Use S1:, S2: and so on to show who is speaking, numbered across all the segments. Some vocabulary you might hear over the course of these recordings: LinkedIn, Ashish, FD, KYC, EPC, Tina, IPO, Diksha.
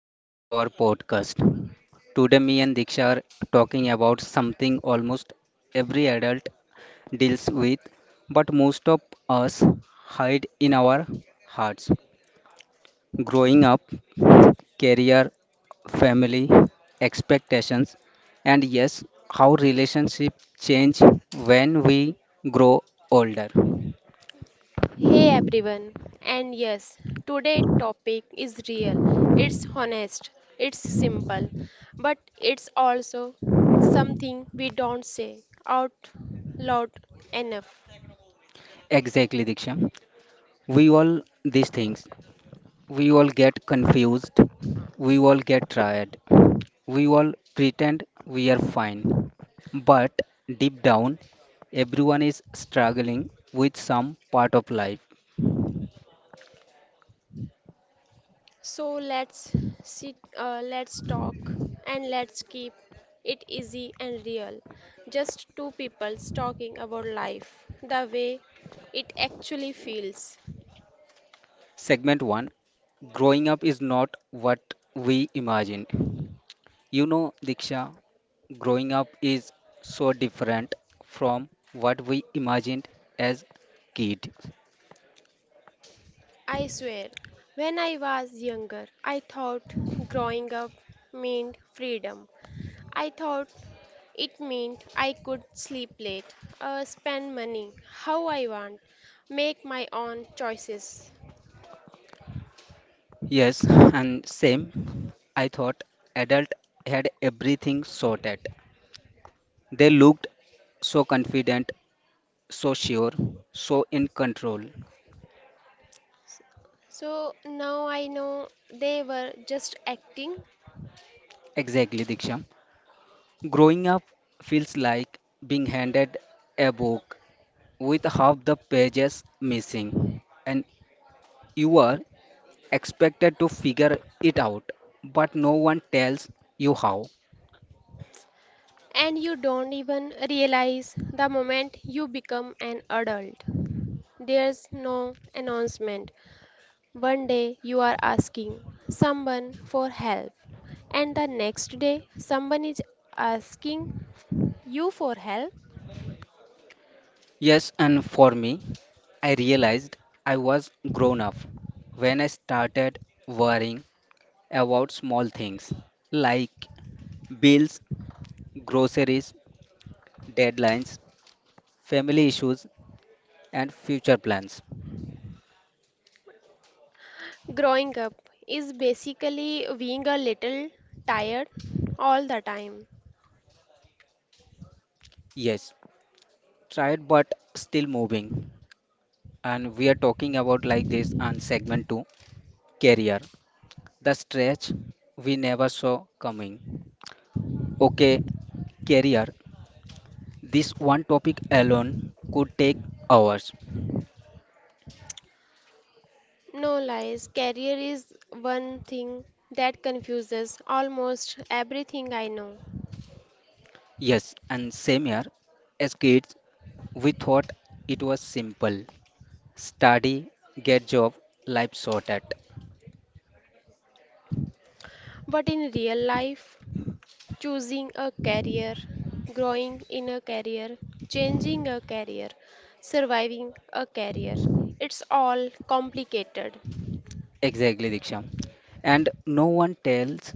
S1: welcome to our podcast. Today, me and Diksha are talking about something almost every adult deals with, but most of us hide in our hearts. Growing up, career, family, expectations, and yes, how relationships change when we grow older.
S2: Hey everyone, and yes, today topic is real. It's honest, it's simple, but it's also something we don't say out loud enough.
S1: Exactly, Diksha. We all these things. We all get confused. We all get tired. We all pretend we are fine. But deep down, everyone is struggling with some part of life.
S2: So let's talk, and let's keep it easy and real. Just two people talking about life, the way it actually feels.
S1: Segment 1. Growing up is not what we imagined. You know, Diksha, growing up is so different from what we imagined as kid.
S2: I swear, when I was younger, I thought growing up meant freedom. I thought it meant I could sleep late, spend money how I want, make my own choices.
S1: Yes, and same. I thought adult had everything sorted. They looked so confident, so sure, so in control.
S2: So now I know they were just acting,
S1: Exactly, Diksha. Growing up feels like being handed a book with half the pages missing, and you are expected to figure it out, but no one tells you how.
S2: and you don't even realize the moment you become an adult. There's no announcement. One day you are asking someone for help, and the next day someone is asking you for help.
S1: Yes, and for me, I realized I was grown up when I started worrying about small things like bills, groceries, deadlines, family issues, and future plans.
S2: Growing up is basically being a little tired all the time.
S1: Yes, tried but still moving. And we are talking about like this on segment 2, career, the stretch we never saw coming. Okay, career. This one topic alone could take hours.
S2: No lies, career is one thing that confuses almost everything I know.
S1: Yes, and same here. As kids, we thought it was simple. Study, get job, life sorted.
S2: But in real life, choosing a career, growing in a career, changing a career, surviving a career, it's all complicated.
S1: Exactly, Diksha. And no one tells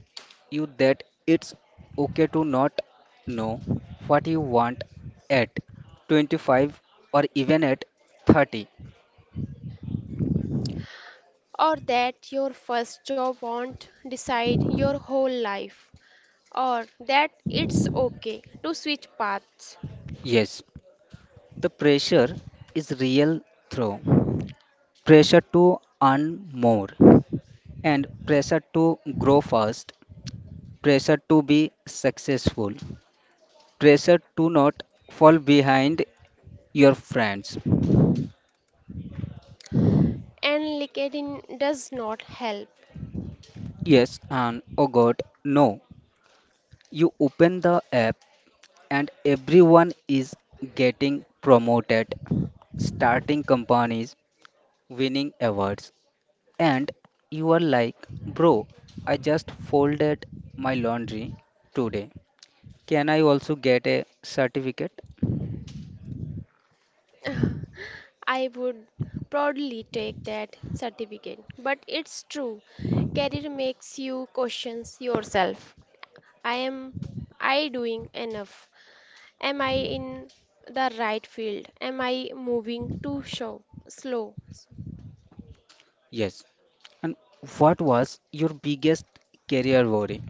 S1: you that it's okay to not know what you want at 25 or even at 30.
S2: Or that your first job won't decide your whole life, or that it's okay to switch paths.
S1: Yes, the pressure is real through pressure to earn more and pressure to grow fast, pressure to be successful, pressure to not fall behind your friends.
S2: And LinkedIn does not help.
S1: Yes, and oh god, no. You open the app and everyone is getting promoted, starting companies, winning awards, and you are like, bro, I just folded my laundry today. Can I also get a certificate?
S2: I would proudly take that certificate, but it's true. Career makes you questions yourself. I am I doing enough? Am I in the right field? Am I moving slow?
S1: Yes. And what was your biggest career worry?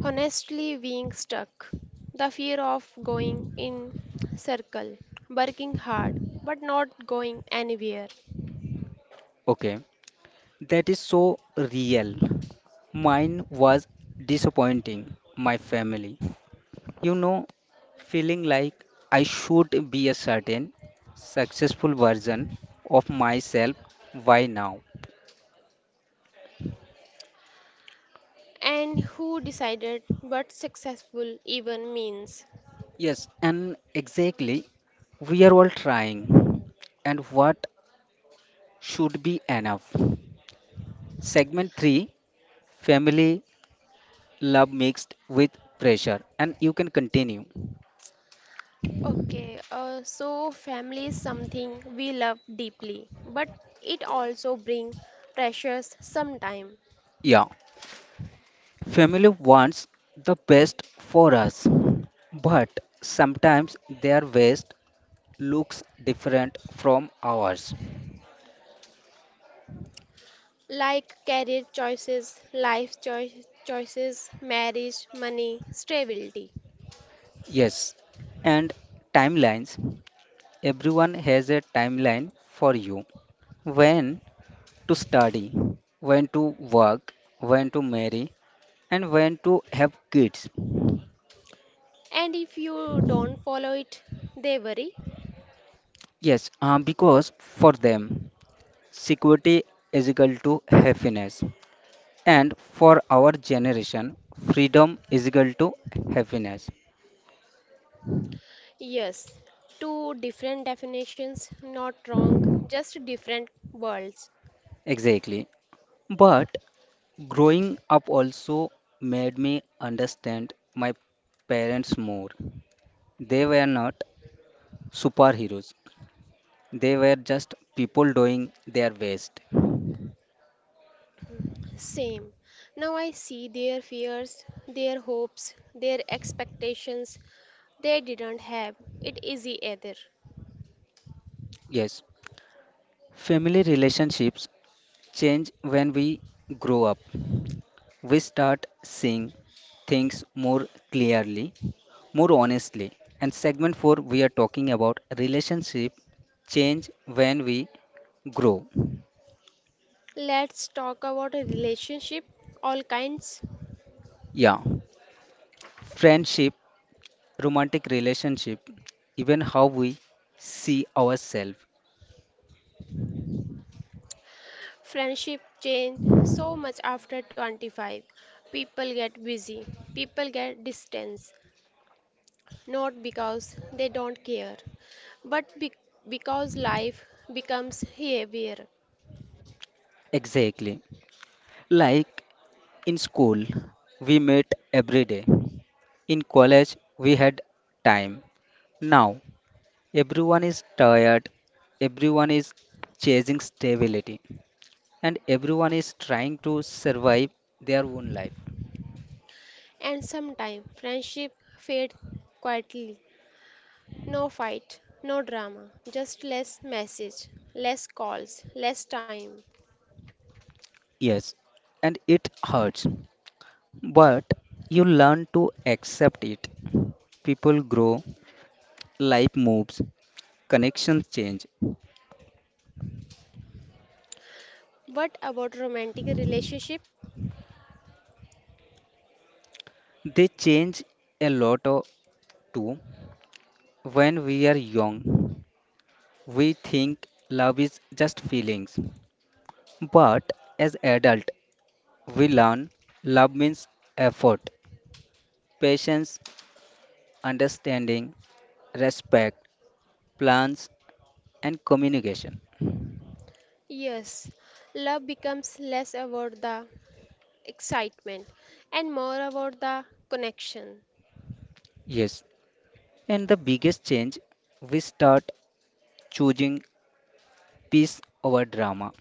S2: Honestly, being stuck, the fear of going in circle, working hard but not going anywhere.
S1: Okay. That is so real. Mine was disappointing my family. You know, feeling like I should be a certain successful version of myself. Why now?
S2: And who decided what successful even means?
S1: Yes, and exactly, we are all trying, and what should be enough. Segment 3. Family love mixed with pressure. And you can continue.
S2: Okay uh, so family is something we love deeply, but it also brings pressures sometime.
S1: Yeah, family wants the best for us, but sometimes their best looks different from ours.
S2: Like career choices, life choices, marriage, money, stability.
S1: Yes, and timelines. Everyone has a timeline for you. When to study, when to work, when to marry, and when to have kids.
S2: And if you don't follow it, they worry.
S1: Yes, because for them, security is equal to happiness. And for our generation, freedom is equal to happiness.
S2: Yes, two different definitions, not wrong, just different worlds.
S1: Exactly. But growing up also made me understand my parents more. They were not superheroes, they were just people doing their best.
S2: Same. Now I see their fears, their hopes, their expectations. They didn't have it easy either.
S1: Yes, family relationships change when we grow up. We start seeing things more clearly, more honestly. And segment 4, we are talking about relationship change when we grow.
S2: Let's talk about a relationship, all kinds.
S1: Yeah, friendship, romantic relationship, even how we see ourselves.
S2: Friendship change so much after 25. People get busy, people get distance, not because they don't care, but because life becomes heavier.
S1: Exactly. Like in school, we met every day. In college, we had time. Now, everyone is tired, everyone is chasing stability, and everyone is trying to survive their own life.
S2: And sometimes friendship fade quietly. No fight, no drama, just less message, less calls, less time.
S1: Yes, and it hurts, but you learn to accept it. People grow, life moves, connections change.
S2: What about romantic relationship?
S1: They change a lot too. When we are young, we think love is just feelings, but as adult, we learn love means effort, patience, understanding, respect, plans, and communication.
S2: Yes, love becomes less about the excitement and more about the connection.
S1: Yes, and the biggest change, we start choosing peace over drama.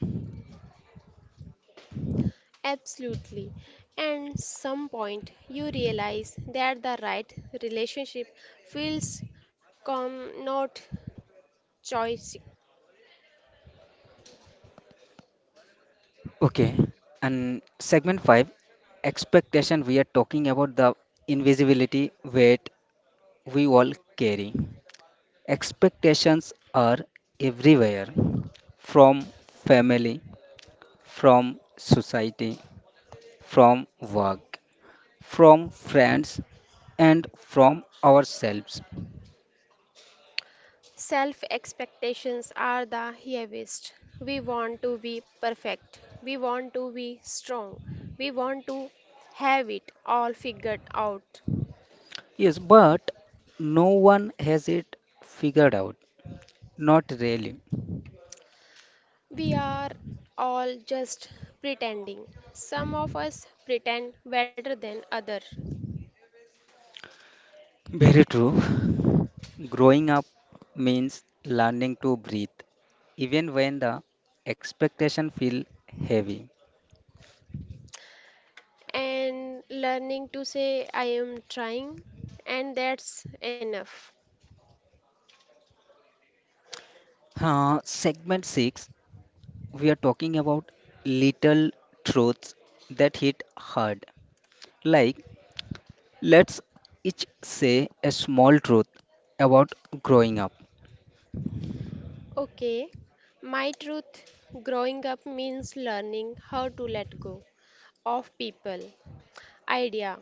S2: Absolutely. And some point you realize that the right relationship feels calm, not choice.
S1: Okay, and segment 5, expectation, we are talking about the invisibility weight we all carry. Expectations are everywhere, from family, from society, from work, from friends, and from ourselves.
S2: Self expectations are the heaviest. We want to be perfect. We want to be strong. We want to have it all figured out.
S1: Yes, but no one has it figured out. Not really.
S2: We are all just pretending. Some of us pretend better than others.
S1: Very true. Growing up means learning to breathe, even when the expectation feel heavy.
S2: And learning to say I am trying, and that's enough.
S1: Segment 6, we are talking about little truths that hit hard. Like, let's each say a small truth about growing up.
S2: Okay, my truth, growing up means learning how to let go of people, idea,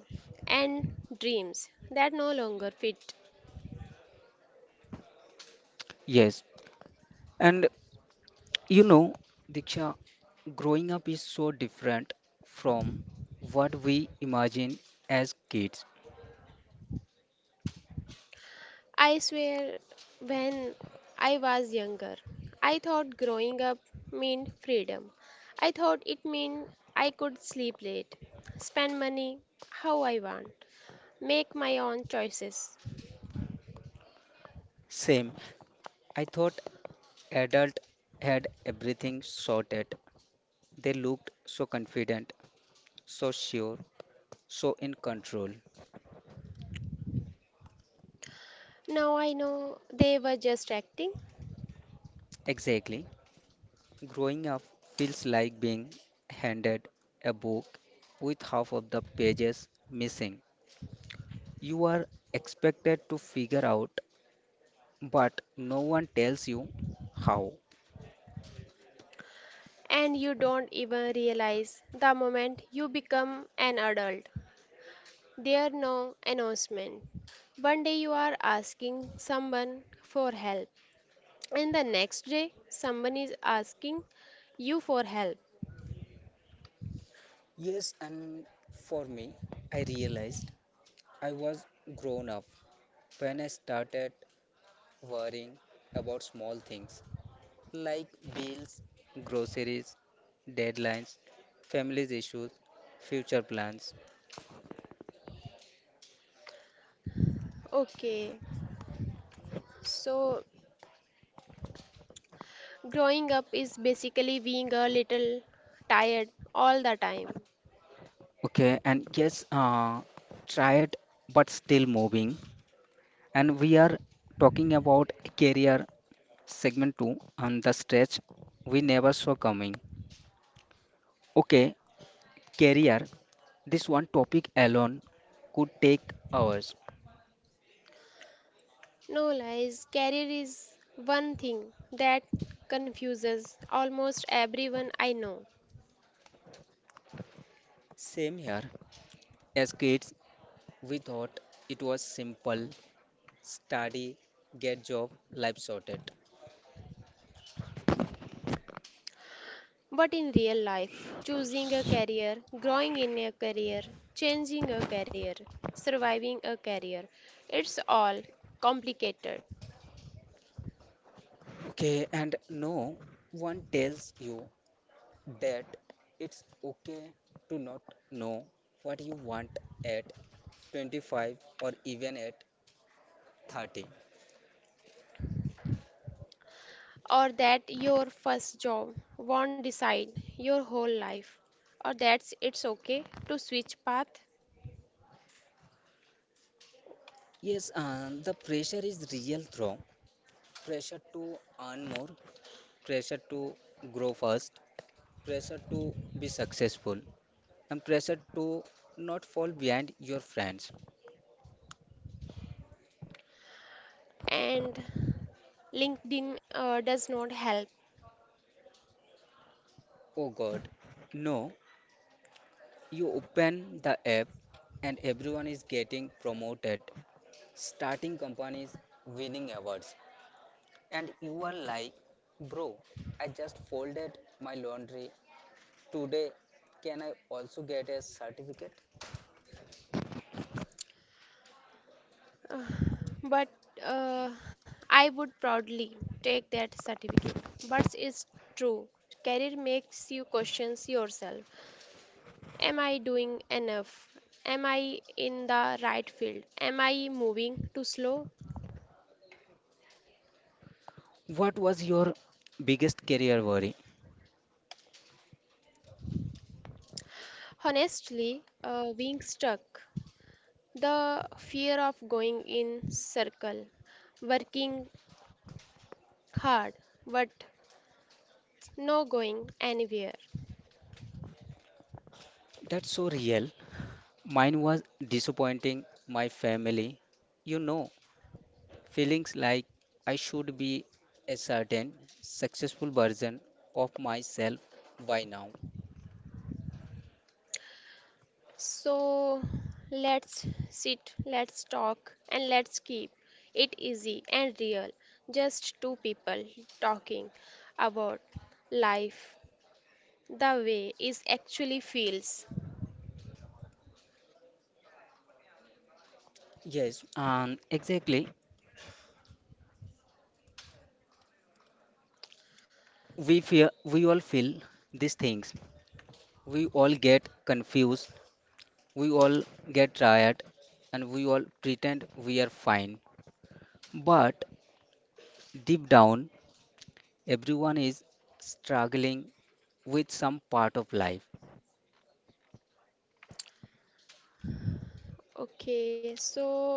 S2: and dreams that no longer fit.
S1: Yes, and you know, Diksha, growing up is so different from what we imagine as kids.
S2: I swear, when I was younger, I thought growing up meant freedom. I thought it meant I could sleep late, spend money how I want, make my own choices.
S1: Same, I thought adult had everything sorted. They looked so confident, so sure, so in control.
S2: Now I know they were just acting,
S1: Exactly. Growing up feels like being handed a book with half of the pages missing. You are expected to figure out, but no one tells you how.
S2: and you don't even realize the moment you become an adult. There are no announcement. One day you are asking someone for help, and the next day someone is asking you for help.
S1: Yes, and for me, I realized I was grown up when I started worrying about small things like bills, groceries, deadlines, family's issues, future plans.
S2: Okay, so growing up is basically being a little tired all the time.
S1: Okay, and yes, tired but still moving. And we are talking about career, segment 2, and the stretch we never saw coming. Okay, career. This one topic alone could take hours.
S2: No lies, career is one thing that confuses almost everyone I know.
S1: Same here. As kids, we thought it was simple. Study, get job, life sorted.
S2: But in real life, choosing a career, growing in a career, changing a career, surviving a career, it's all complicated.
S1: Okay, and no one tells you that it's okay to not know what you want at 25 or even at 30.
S2: Or that your first job won't decide your whole life, or that's it's okay to switch path.
S1: Yes, the pressure is real, though. Pressure to earn more, pressure to grow fast, pressure to be successful and pressure to not fall behind your friends.
S2: And LinkedIn does not help.
S1: Oh God, no, you open the app and everyone is getting promoted, starting companies, winning awards, and you are like, bro, I just folded my laundry today. Can I also get a certificate?
S2: Uh, but uh, I would proudly take that certificate. But it's true. Career makes you question yourself. Am I doing enough? Am I in the right field? Am I moving too slow?
S1: What was your biggest career worry?
S2: Honestly, being stuck, the fear of going in circle, working hard but no going anywhere.
S1: That's so real. Mine was disappointing my family. You know, feelings like I should be a certain successful version of myself by now.
S2: So let's sit, let's talk, and let's keep it easy and real. Just two people talking about life the way it actually feels.
S1: Yes, exactly. We all feel these things. We all get confused. We all get tired, and we all pretend we are fine. But deep down, everyone is struggling with some part of life.
S2: Okay, so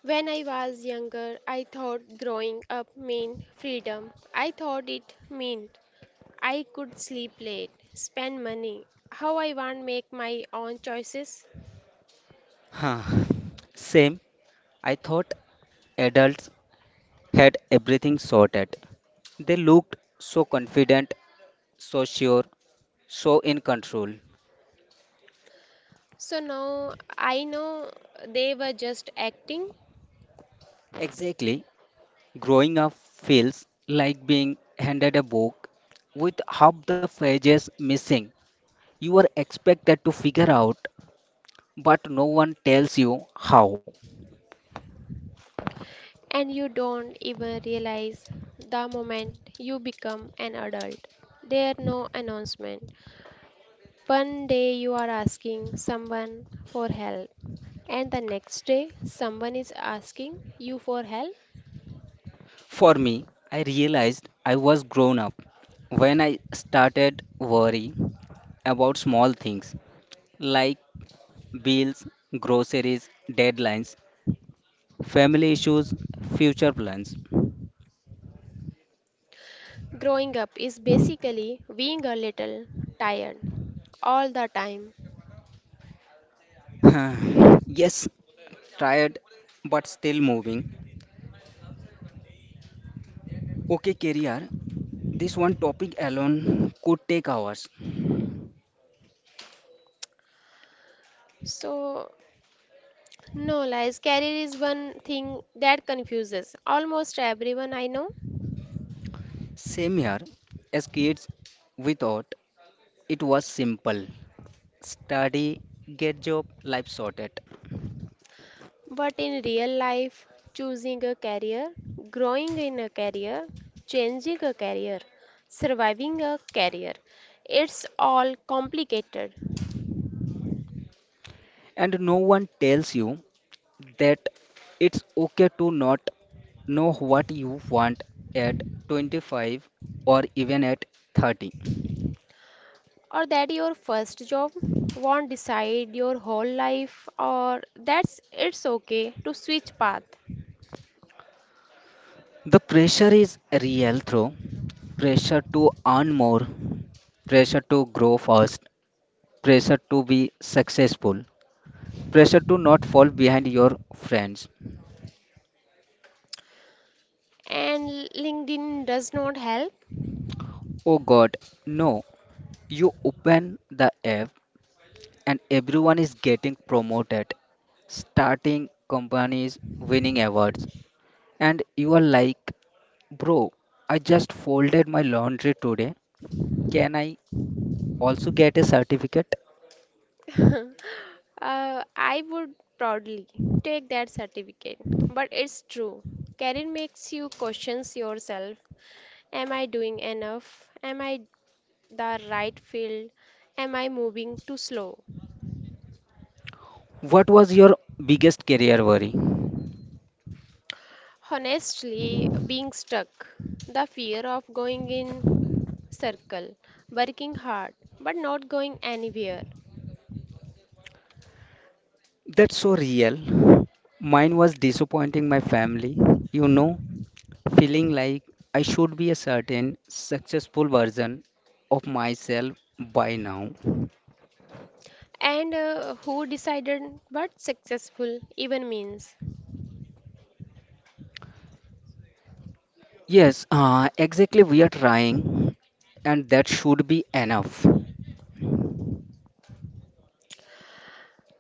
S2: when I was younger, I thought growing up meant freedom. I thought it meant I could sleep late, spend money, how I want, make my own choices.
S1: Huh. Same. I thought adults had everything sorted. They looked so confident, so sure, so in control.
S2: So now I know they were just acting,
S1: Exactly. Growing up feels like being handed a book with half the pages missing. You are expected to figure out, but no one tells you how.
S2: and you don't even realize the moment you become an adult. There no announcement. One day you are asking someone for help, and the next day someone is asking you for help.
S1: For me, I realized I was grown up when I started worrying about small things like bills, groceries, deadlines, family issues, future plans.
S2: Growing up is basically being a little tired all the time.
S1: Yes, tired but still moving. Okay, career. This one topic alone could take hours.
S2: So, no lies, career is one thing that confuses almost everyone I know.
S1: Same here. As kids, we thought it was simple. Study, get job, life sorted.
S2: But in real life, choosing a career, growing in a career, changing a career, surviving a career, it's all complicated.
S1: And no one tells you that it's okay to not know what you want at 25 or even at 30.
S2: Or that your first job won't decide your whole life, or that's it's okay to switch path.
S1: The pressure is real through pressure to earn more, pressure to grow fast, pressure to be successful, pressure to not fall behind your friends.
S2: And LinkedIn does not help.
S1: Oh god, no. You open the app and everyone is getting promoted, starting companies, winning awards, and you are like, bro, I just folded my laundry today. Can I also get a certificate?
S2: I would proudly take that certificate, but it's true. Career makes you questions yourself. Am I doing enough? Am I the right field? Am I moving too slow?
S1: What was your biggest career worry?
S2: Honestly, being stuck, the fear of going in circle, working hard but not going anywhere.
S1: That's so real. Mine was disappointing my family, you know, feeling like I should be a certain successful version of myself by now.
S2: And who decided what successful even means?
S1: Yes, exactly, we are trying, and that should be enough.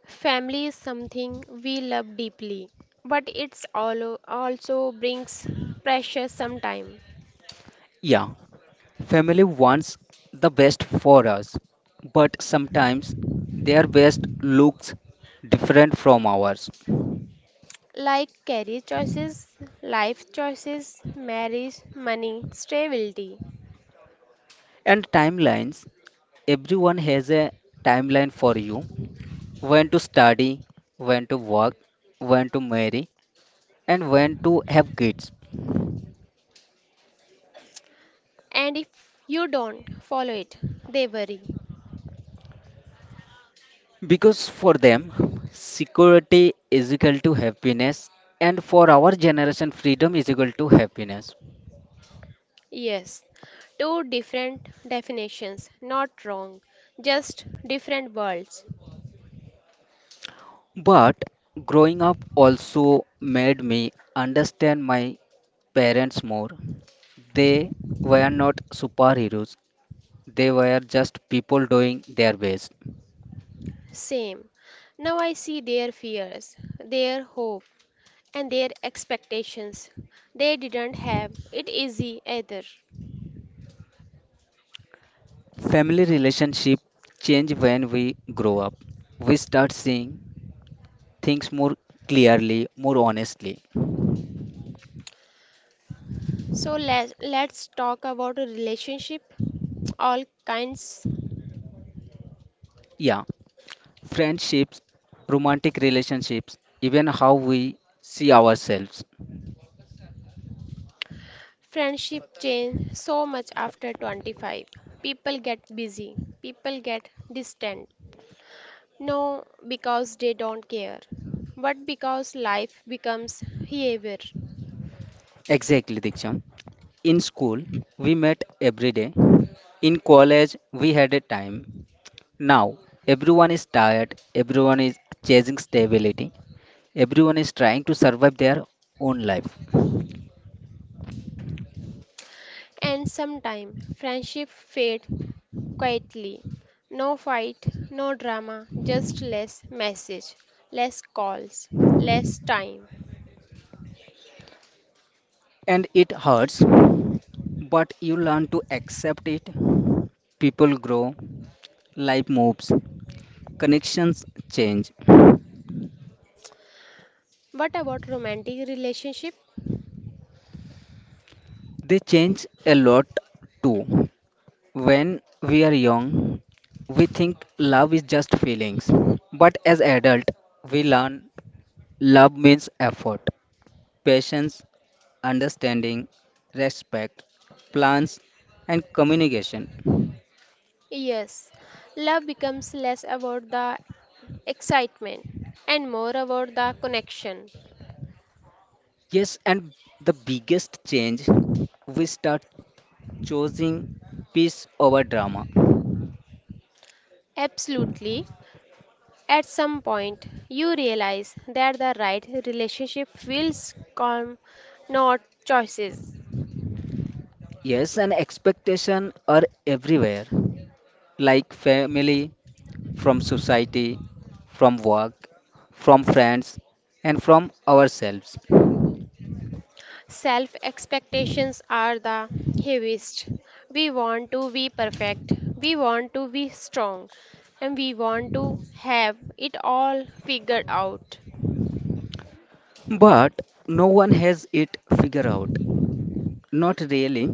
S2: Family is something we love deeply, but it's all also brings pressure sometimes.
S1: Yeah, family wants the best for us, but sometimes their best looks different from ours.
S2: Like career choices, life choices, marriage, money, stability.
S1: And timelines. Everyone has a timeline for you, when to study, when to work, when to marry, and when to have kids.
S2: And if you don't follow it, they worry.
S1: Because for them, security is equal to happiness, and for our generation, freedom is equal to happiness.
S2: Yes, two different definitions, not wrong, just different worlds.
S1: But growing up also made me understand my parents more. They were not superheroes, they were just people doing their best.
S2: Same. Now I see their fears, their hope, and their expectations. They didn't have it easy either.
S1: Family relationship change when we grow up. We start seeing things more clearly, more honestly.
S2: So let's talk about a relationship, all kinds.
S1: Yeah, friendships, romantic relationships, even how we see ourselves.
S2: Friendship change so much after 25. People get busy, people get distant, no because they don't care, but because life becomes heavier.
S1: Exactly, Diksham. In school, we met every day. In college, we had a time. Now, everyone is tired, everyone is chasing stability, everyone is trying to survive their own life.
S2: And sometimes friendship fade quietly. No fight, no drama, just less message, less calls, less time.
S1: And it hurts, but you learn to accept it. People grow, life moves, connections change.
S2: What about romantic relationship?
S1: They change a lot too. When we are young, we think love is just feelings. But as adult, we learn love means effort, patience, understanding, respect, plans and communication.
S2: Yes, love becomes less about the excitement and more about the connection.
S1: Yes, and the biggest change, we start choosing peace over drama.
S2: Absolutely. At some point, you realize that the right relationship feels calm, not choices.
S1: Yes, and expectation are everywhere, like family, from society, from work, from friends, and from ourselves.
S2: Self expectations are the heaviest. We want to be perfect, we want to be strong, and we want to have it all figured out.
S1: But no one has it figured out. Not really.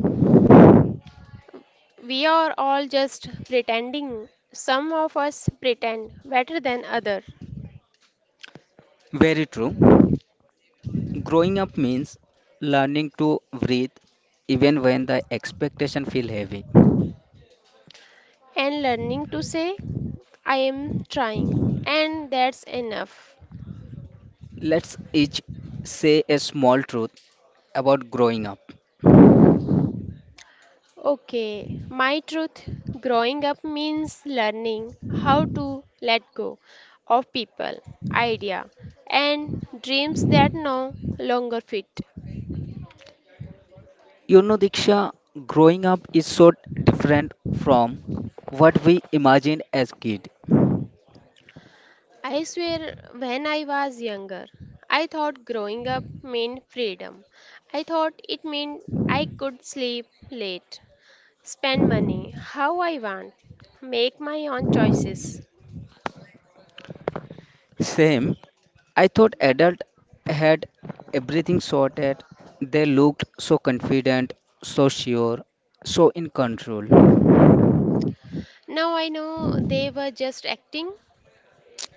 S2: We are all just pretending. Some of us pretend better than other.
S1: Very true. Growing up means learning to breathe even when the expectation feel heavy.
S2: And learning to say I am trying and that's enough.
S1: Let's each say a small truth about growing up.
S2: Okay, my truth, growing up means learning how to let go of people, idea, and dreams that no longer fit.
S1: You know, Diksha, growing up is so different from what we imagined as kid.
S2: I swear, when I was younger, I thought growing up meant freedom. I thought it meant I could sleep late, spend money how I want, make my own choices.
S1: Same, I thought adult had everything sorted. They looked so confident, so sure, so in control.
S2: Now I know they were just acting,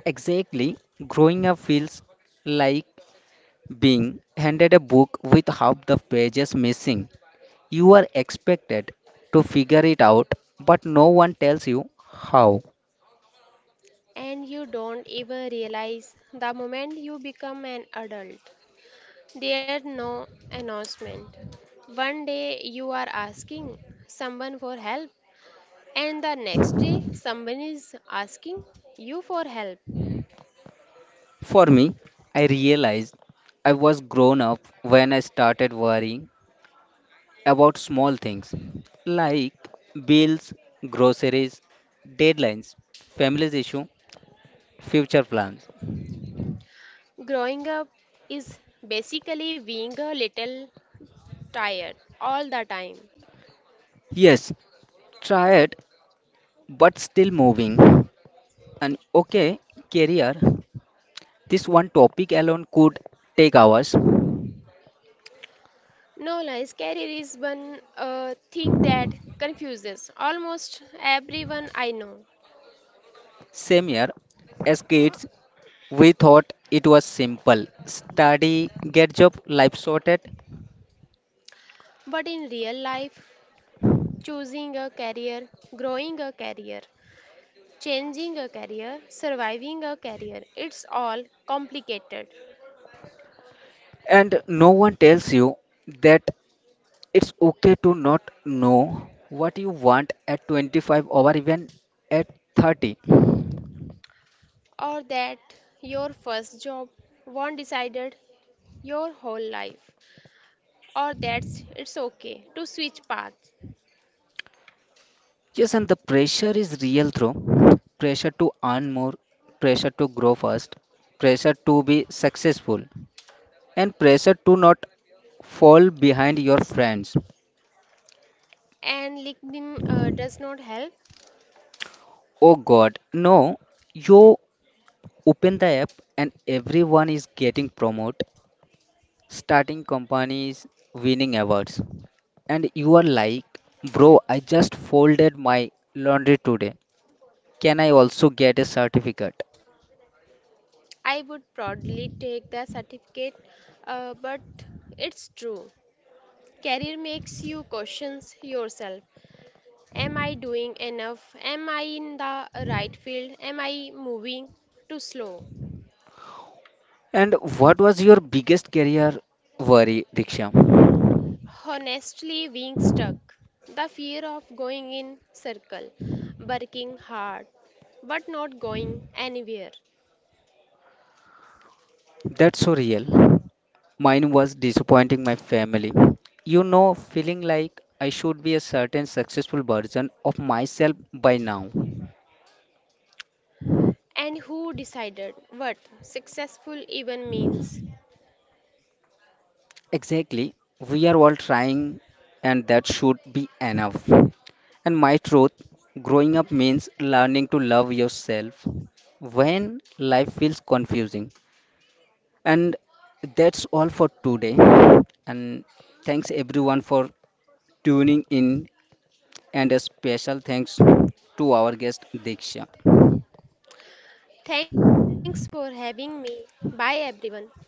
S1: Exactly, growing up feels like being handed a book with half the pages missing. You are expected to figure it out, but no one tells you how.
S2: and you don't even realize the moment you become an adult. There's no announcement. One day you are asking someone for help, and the next day someone is asking you for help.
S1: For me, I realized I was grown up when I started worrying about small things like bills, groceries, deadlines, family's issue, future plans.
S2: Growing up is basically being a little tired all the time.
S1: Yes, tired but still moving. And okay, career. This one topic alone could take hours.
S2: No lies, career is one thing that confuses almost everyone I know.
S1: Same year, as kids, we thought it was simple. Study, get job, life sorted.
S2: But in real life, choosing a career, growing a career, changing a career, surviving a career, it's all complicated.
S1: And no one tells you that it's okay to not know what you want at 25 or even at 30.
S2: Or that your first job won't decided your whole life. Or that's it's okay to switch paths.
S1: Yes, and the pressure is real through pressure to earn more, pressure to grow fast, pressure to be successful, and pressure to not fall behind your friends.
S2: And LinkedIn does not help.
S1: Oh god, no, you open the app and everyone is getting promoted, starting companies, winning awards. And you are like, bro, I just folded my laundry today. Can I also get a certificate?
S2: I would proudly take the certificate, but it's true. Career makes you questions yourself. Am I doing enough? Am I in the right field? Am I moving too slow?
S1: And what was your biggest career worry, Diksha?
S2: Honestly, being stuck. The fear of going in circle, working hard, but not going anywhere.
S1: That's so real. Mine was disappointing my family. You know, feeling like I should be a certain successful version of myself by now.
S2: And who decided what successful even means?
S1: Exactly. We are all trying, and that should be enough. And my truth, growing up means learning to love yourself when life feels confusing. And that's all for today. And thanks everyone for tuning in, and a special thanks to our guest Diksha.
S2: Thanks for having me. Bye everyone.